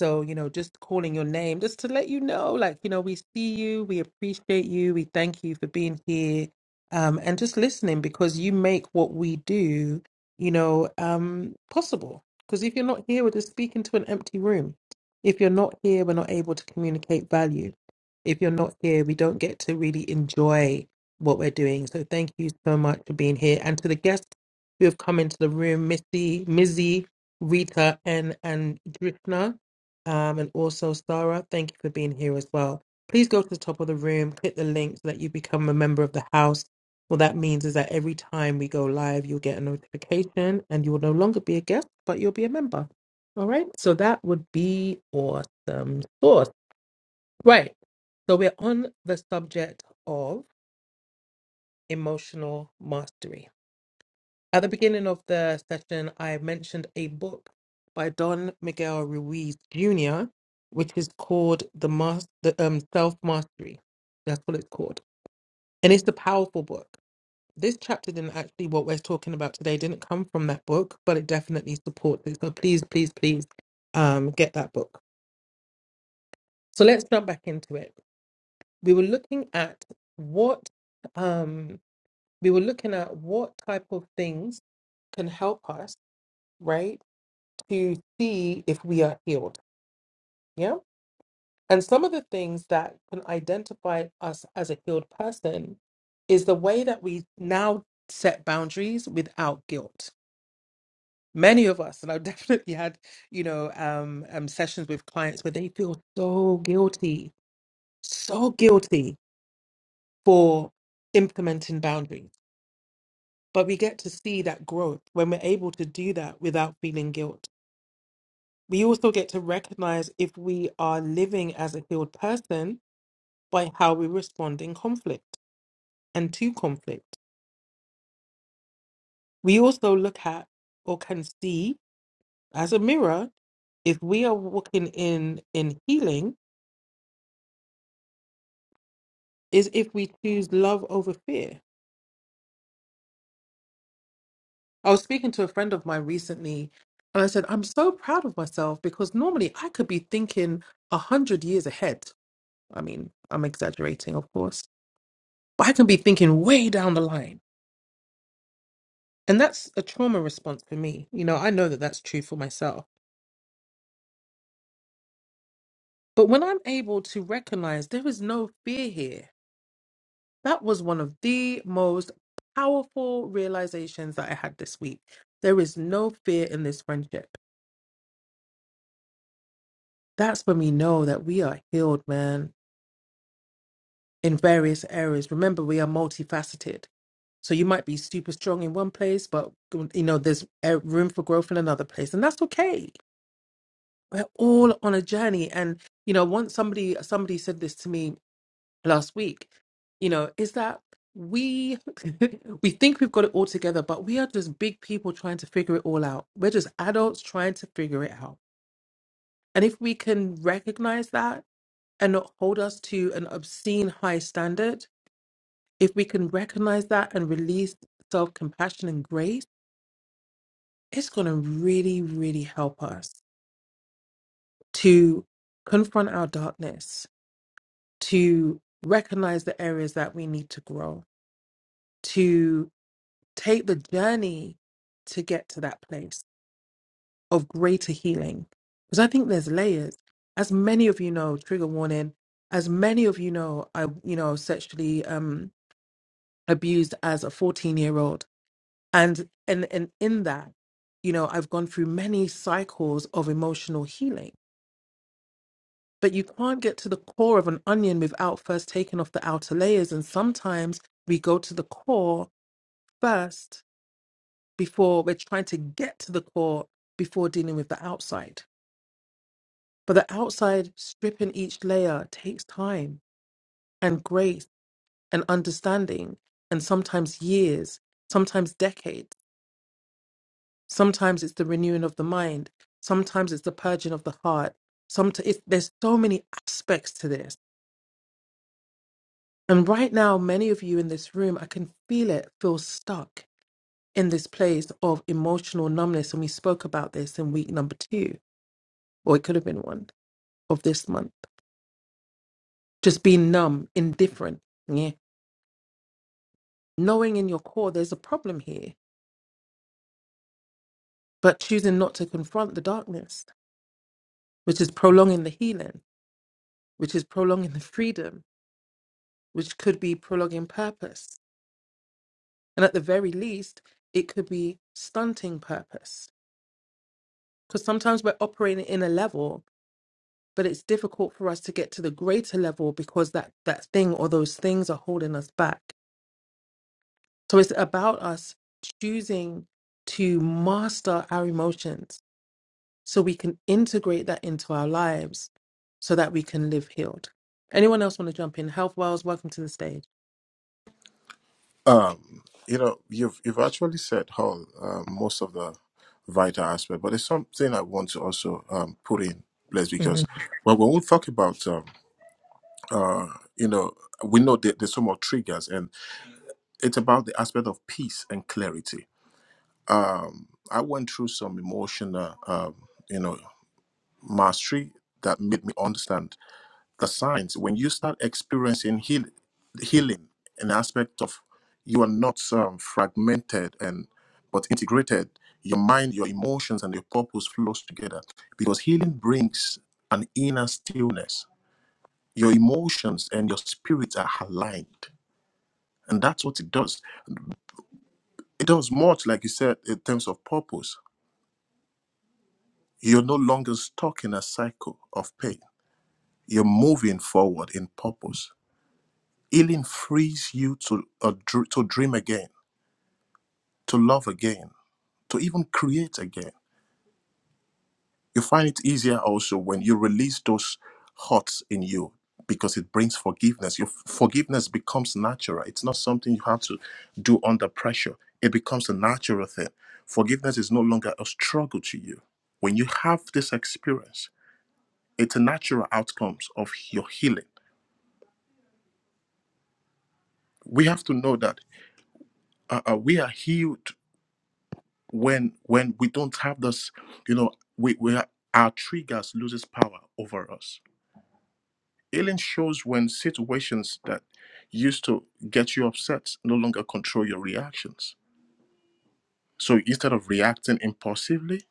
Speaker 1: So, you know, just calling your name just to let you know, like, you know, we see you, we appreciate you, we thank you for being here um, and just listening because you make what we do, you know, um, possible. Because if you're not here, we're just speaking to an empty room. If you're not here, we're not able to communicate value if you're not here, we don't get to really enjoy what we're doing. So thank you so much for being here. And to the guests who have come into the room, Missy, Mizzy, Rita, and and Drishna, um, and also Sarah, thank you for being here as well. Please go to the top of the room, click the link so that you become a member of the house. What that means is that every time we go live, you'll get a notification and you will no longer be a guest, but you'll be a member. All right. So that would be awesome. sauce. Right. So we're on the subject of emotional mastery. At the beginning of the session, I mentioned a book by Don Miguel Ruiz Jr., which is called The Mas- the um, Self Mastery. That's what it's called. And it's a powerful book. This chapter didn't actually, what we're talking about today, didn't come from that book, but it definitely supports it. So please, please, please um, get that book. So let's jump back into it. We were looking at what. Um, we were looking at what type of things can help us, right, to see if we are healed. Yeah. And some of the things that can identify us as a healed person is the way that we now set boundaries without guilt. Many of us, and I've definitely had, you know, um, um, sessions with clients where they feel so guilty, so guilty for implementing boundaries. But we get to see that growth when we're able to do that without feeling guilt we also get to recognize if we are living as a healed person by how we respond in conflict and to conflict. We also look at or can see as a mirror if we are walking in in healing is if we choose love over fear. I was speaking to a friend of mine recently and I said I'm so proud of myself because normally I could be thinking a hundred years ahead. I mean, I'm exaggerating, of course, but I can be thinking way down the line And that's a trauma response for me. You know, I know that that's true for myself. But when I'm able to recognize there is no fear here, that was one of the most powerful realizations that I had this week. There is no fear in this friendship. That's when we know that we are healed, man, in various areas. Remember, we are multifaceted. So you might be super strong in one place, but you know, there's eh, room for growth in another place. And that's okay we're all on a journey and you know once somebody somebody said this to me last week you know is that we we think we've got it all together but we are just big people trying to figure it all out we're just adults trying to figure it out and if we can recognize that and not hold us to an obscene high standard if we can recognize that and release self-compassion and grace it's going to really really help us to confront our darkness to recognize the areas that we need to grow, to take the journey to get to that place of greater healing. Because I think there's layers. As many of you know, trigger warning, as many of you know, I you know, sexually um abused as a 14 year old. And and and in that, you know, I've gone through many cycles of emotional healing But you can't get to the core of an onion without first taking off the outer layers. And sometimes we go to the core first before we're trying to get to the core before dealing with the outside. But the outside, stripping each layer takes time and grace and understanding, and sometimes years, sometimes decades. Sometimes it's the renewing of the mind. Sometimes it's the purging of the heart. Sometimes it's, there's so many aspects to this And right now, many of you in this room, I can feel it, feel stuck in this place of emotional numbness. And we spoke about this in week number two, or it could have been one of this month. Just being numb, indifferent, yeah. Knowing in your core there's a problem here, but choosing not to confront the darkness, which is prolonging the healing, which is prolonging the freedom, which could be prolonging purpose. And at the very least, it could be stunting purpose. Because sometimes we're operating in a level but it's difficult for us to get to the greater level because that that thing or those things are holding us back so it's about us choosing to master our emotions so we can integrate that into our lives so that we can live healed anyone else want to jump in health wells welcome to the stage
Speaker 5: Um, you know, you've, you've actually said all, uh, most of the vital aspect, but there's something I want to also um, put in place
Speaker 1: hmm
Speaker 5: because well, when we talk about, um, you know, we know that there's some more triggers and. it's about the aspect of peace and clarity. Um, I went through some emotional, um, you know, mastery that made me understand the signs. When you start experiencing heal- healing, an aspect of you are not um, fragmented and but integrated. Your mind, your emotions, and your purpose flows together because healing brings an inner stillness. Your emotions and your spirits are aligned, and that's what it does. It does much, like you said, in terms of purpose. You're no longer stuck in a cycle of pain. You're moving forward in purpose. Healing frees you to uh, dr- to dream again, to love again, to even create again. You find it easier also when you release those hurts in you because it brings forgiveness. Your f- forgiveness becomes natural. It's not something you have to do under pressure. It becomes a natural thing. Forgiveness is no longer a struggle to you when you have this experience It's natural outcomes of your healing. We have to know that uh, uh, we are healed when when we don't have this. You know, we we are, our triggers loses power over us. Healing shows when situations that used to get you upset no longer control your reactions. So instead of reacting impulsively,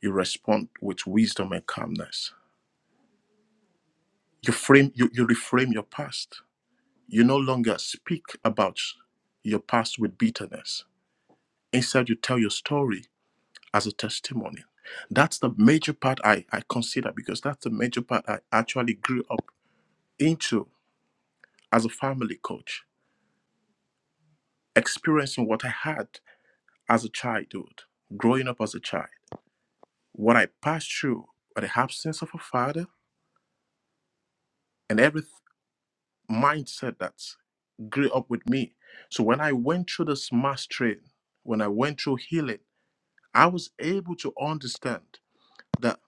Speaker 5: you respond with wisdom and calmness. You frame you, you reframe your past. You no longer speak about your past with bitterness. Instead, you tell your story as a testimony. That's the major part I, I consider because that's the major part I actually grew up into as a family coach, experiencing what I had as a childhood, growing up as a child, what I passed through, the absence of a father, and every mindset that grew up with me. So when I went through this mass train, when I went through healing, I was able to understand that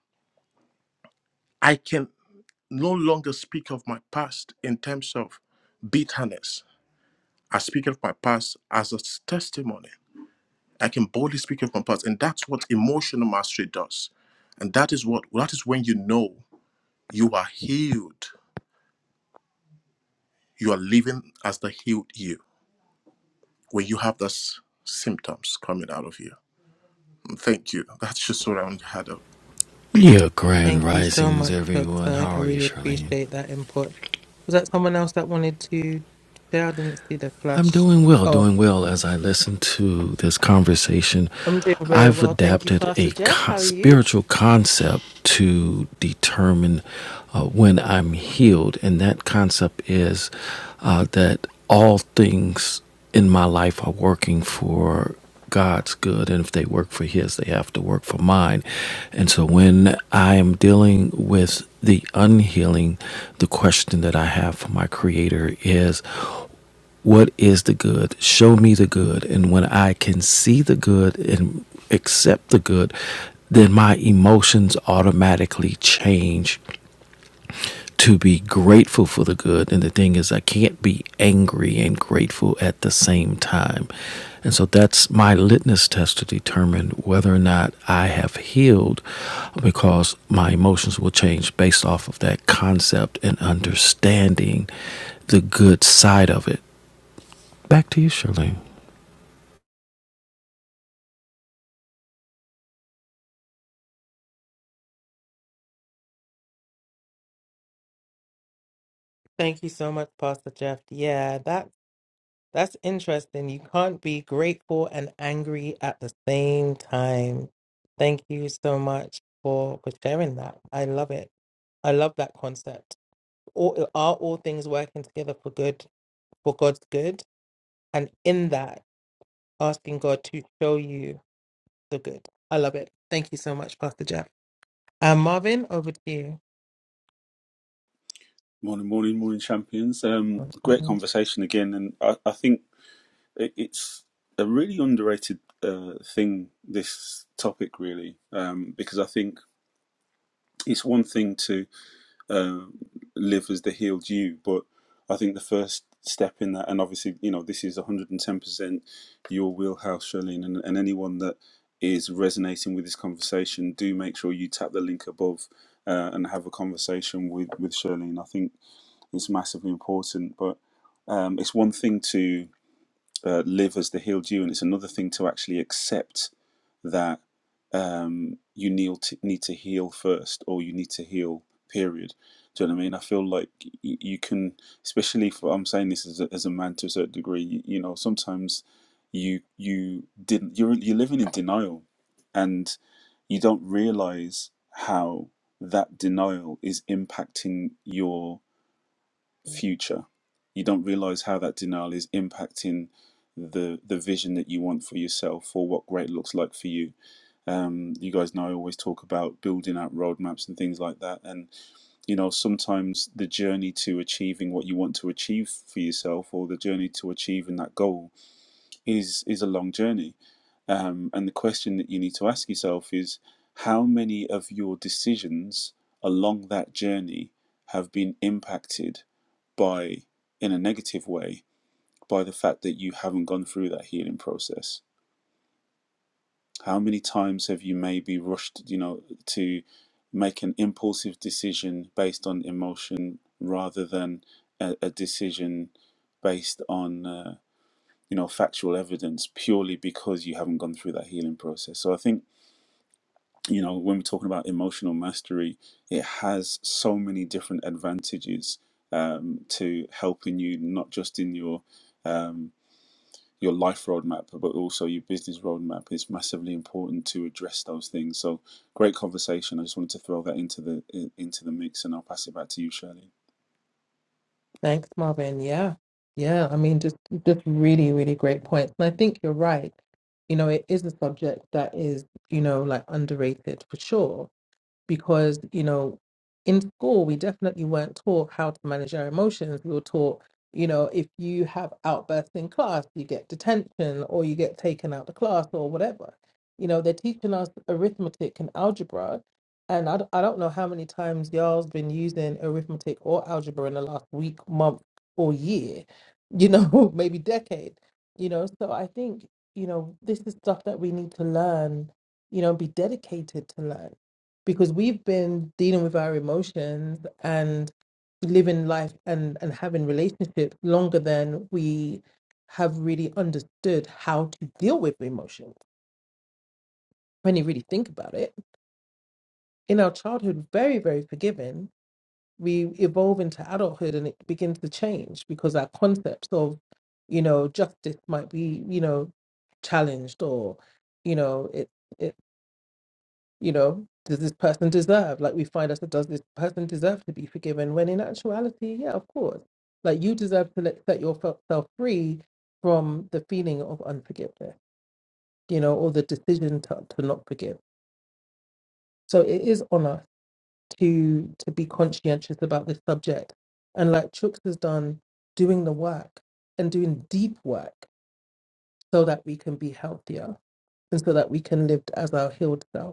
Speaker 5: I can. no longer speak of my past in terms of bitterness. I speak of my past as a testimony. I can boldly speak of my past, and that's what emotional mastery does. And that is what that is when you know you are healed. You are living as the healed you when you have those symptoms coming out of you. Thank you. That's just what I had.
Speaker 7: Yeah, grand
Speaker 1: Thank you so
Speaker 7: risings,
Speaker 1: much, Chuck.
Speaker 7: everyone.
Speaker 1: I,
Speaker 7: How
Speaker 1: I
Speaker 7: are you,
Speaker 1: really
Speaker 7: Charlene?
Speaker 1: appreciate that input. Was that someone else that wanted to share? I didn't see the
Speaker 7: I'm
Speaker 1: flash.
Speaker 7: doing well, doing well as I listen to this conversation.
Speaker 1: I'm doing very
Speaker 7: I've
Speaker 1: well. Thank you,
Speaker 7: adapted
Speaker 1: Pastor
Speaker 7: a
Speaker 1: Jeff.
Speaker 7: co-
Speaker 1: How are you?
Speaker 7: spiritual concept to determine uh, when I'm healed, and that concept is uh, that all things in my life are working for God's good, and if they work for His, they have to work for mine. And so when I am dealing with the unhealing, the question that I have for my Creator is what is the good? Show me the good. And when I can see the good and accept the good, then my emotions automatically change to be grateful for the good. And the thing is, I can't be angry and grateful at the same time. And so that's my litmus test to determine whether or not I have healed because my emotions will change based off of that concept and understanding the good side of it. Back to you, Charlene.
Speaker 1: Thank you so much, Pastor Jeff. Yeah, that that's interesting. You can't be grateful and angry at the same time. Thank you so much for for sharing that. I love it. I love that concept. all uh, are all things working together for good for God's good and in that asking God to show you the good. I love it. Thank you so much, Pastor Jeff. Um Marvin, over to you.
Speaker 8: Morning, morning, morning, champions. Um, great conversation again, and I, I think it, it's a really underrated uh, thing. This topic, really, um, because I think it's one thing to uh, live as the healed you, but I think the first step in that, and obviously, you know, this is one hundred and ten percent your wheelhouse, Charlene, and, and anyone that is resonating with this conversation, do make sure you tap the link above uh, and have a conversation with with Charlene. I think is massively important. But um, it's one thing to uh, live as the healed you, and it's another thing to actually accept that um, you need to, need to heal first, or you need to heal. Period. Do you know what I mean? I feel like y- you can, especially for I'm saying this as a, as a man to a certain degree. You, you know, sometimes you you didn't you're you're living in denial, and you don't realize how that denial is impacting your future. You don't realize how that denial is impacting the the vision that you want for yourself or what great looks like for you. Um, you guys know I always talk about building out roadmaps and things like that. And you know, sometimes the journey to achieving what you want to achieve for yourself or the journey to achieving that goal is is a long journey. Um, and the question that you need to ask yourself is how many of your decisions along that journey have been impacted by in a negative way by the fact that you haven't gone through that healing process how many times have you maybe rushed you know to make an impulsive decision based on emotion rather than a, a decision based on uh, you know factual evidence purely because you haven't gone through that healing process so i think you know when we're talking about emotional mastery it has so many different advantages um, to helping you not just in your um, your life roadmap, but also your business roadmap. It's massively important to address those things. So, great conversation. I just wanted to throw that into the into the mix, and I'll pass it back to you, Shirley.
Speaker 1: Thanks, Marvin. Yeah. Yeah. I mean just just really, really great points. And I think you're right. You know, it is a subject that is, you know, like underrated for sure because you know in school we definitely weren't taught how to manage our emotions we were taught you know if you have outbursts in class you get detention or you get taken out the class or whatever you know they're teaching us arithmetic and algebra and i, d- I don't know how many times y'all's been using arithmetic or algebra in the last week month or year you know maybe decade you know so i think you know this is stuff that we need to learn you know be dedicated to learn because we've been dealing with our emotions and living life and, and having relationships longer than we have really understood how to deal with emotions. When you really think about it, in our childhood, very, very forgiving, we evolve into adulthood and it begins to change because our concepts of, you know, justice might be, you know, challenged or, you know, it. you know, does this person deserve? Like we find us, does this person deserve to be forgiven? When in actuality, yeah, of course. Like you deserve to let, set yourself free from the feeling of unforgiveness, you know, or the decision to, to not forgive. So it is on us to to be conscientious about this subject. And like Chooks has done, doing the work and doing deep work so that we can be healthier and so that we can live as our healed self.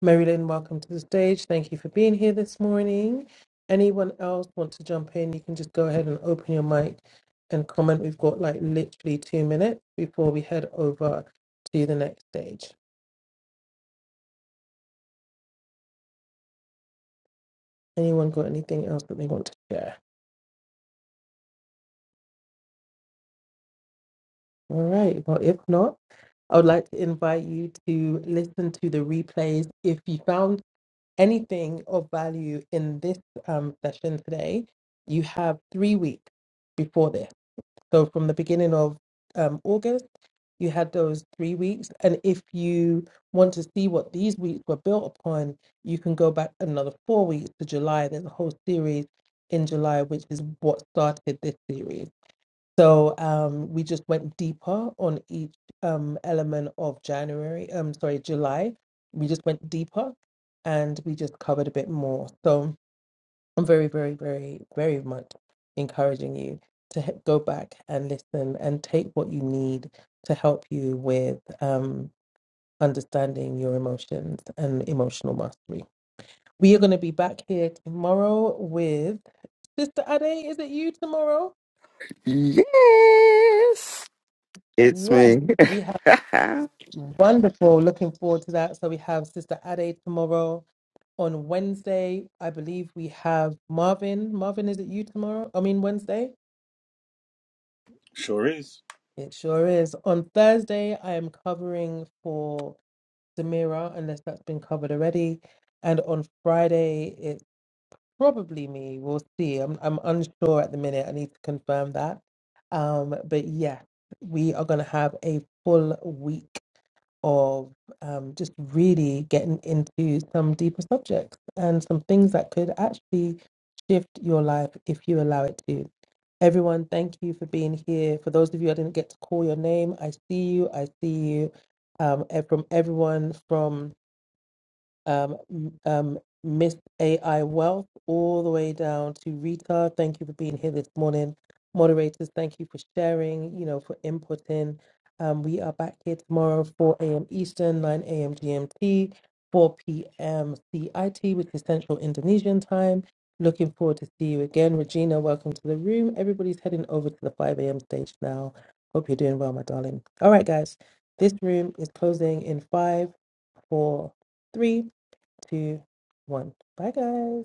Speaker 1: Mary Lynn, welcome to the stage. Thank you for being here this morning. Anyone else want to jump in? You can just go ahead and open your mic and comment. We've got like literally two minutes before we head over to the next stage. Anyone got anything else that they want to share? All right. Well, if not, I would like to invite you to listen to the replays. If you found anything of value in this um, session today, you have three weeks before this. So from the beginning of um, August, you had those three weeks. And if you want to see what these weeks were built upon, you can go back another four weeks to July. There's a whole series in July, which is what started this series. So um, we just went deeper on each um, element of January, um, sorry, July. We just went deeper and we just covered a bit more. So I'm very, very, very, very much encouraging you to he- go back and listen and take what you need to help you with um, understanding your emotions and emotional mastery. We are going to be back here tomorrow with Sister Ade. Is it you tomorrow?
Speaker 3: Yes, it's
Speaker 1: Yes,
Speaker 3: me.
Speaker 1: we have wonderful. Looking forward to that. So we have Sister Ade tomorrow. On Wednesday, I believe we have Marvin. Marvin, is it you tomorrow? I mean, Wednesday?
Speaker 8: Sure is.
Speaker 1: It sure is. On Thursday, I am covering for Samira, unless that's been covered already. And on Friday, it's probably me. We'll see. I'm I'm unsure at the minute. I need to confirm that. Um, but yeah, we are gonna have a full week of um, just really getting into some deeper subjects and some things that could actually shift your life if you allow it to. Everyone, thank you for being here. For those of you I didn't get to call your name, I see you. I see you. Um, and from everyone from um, m- um, Miss AI Wealth, all the way down to Rita. Thank you for being here this morning. Moderators, thank you for sharing, you know, for inputting. Um, we are back here tomorrow, 4 a.m. Eastern, 9 a.m. GMT, 4 p.m. CIT, which is Central Indonesian time. Looking forward to see you again. Regina, welcome to the room. Everybody's heading over to the 5 a.m. stage now. Hope you're doing well, my darling. All right, guys, this room is closing in five, four, three two, one. Bye, guys.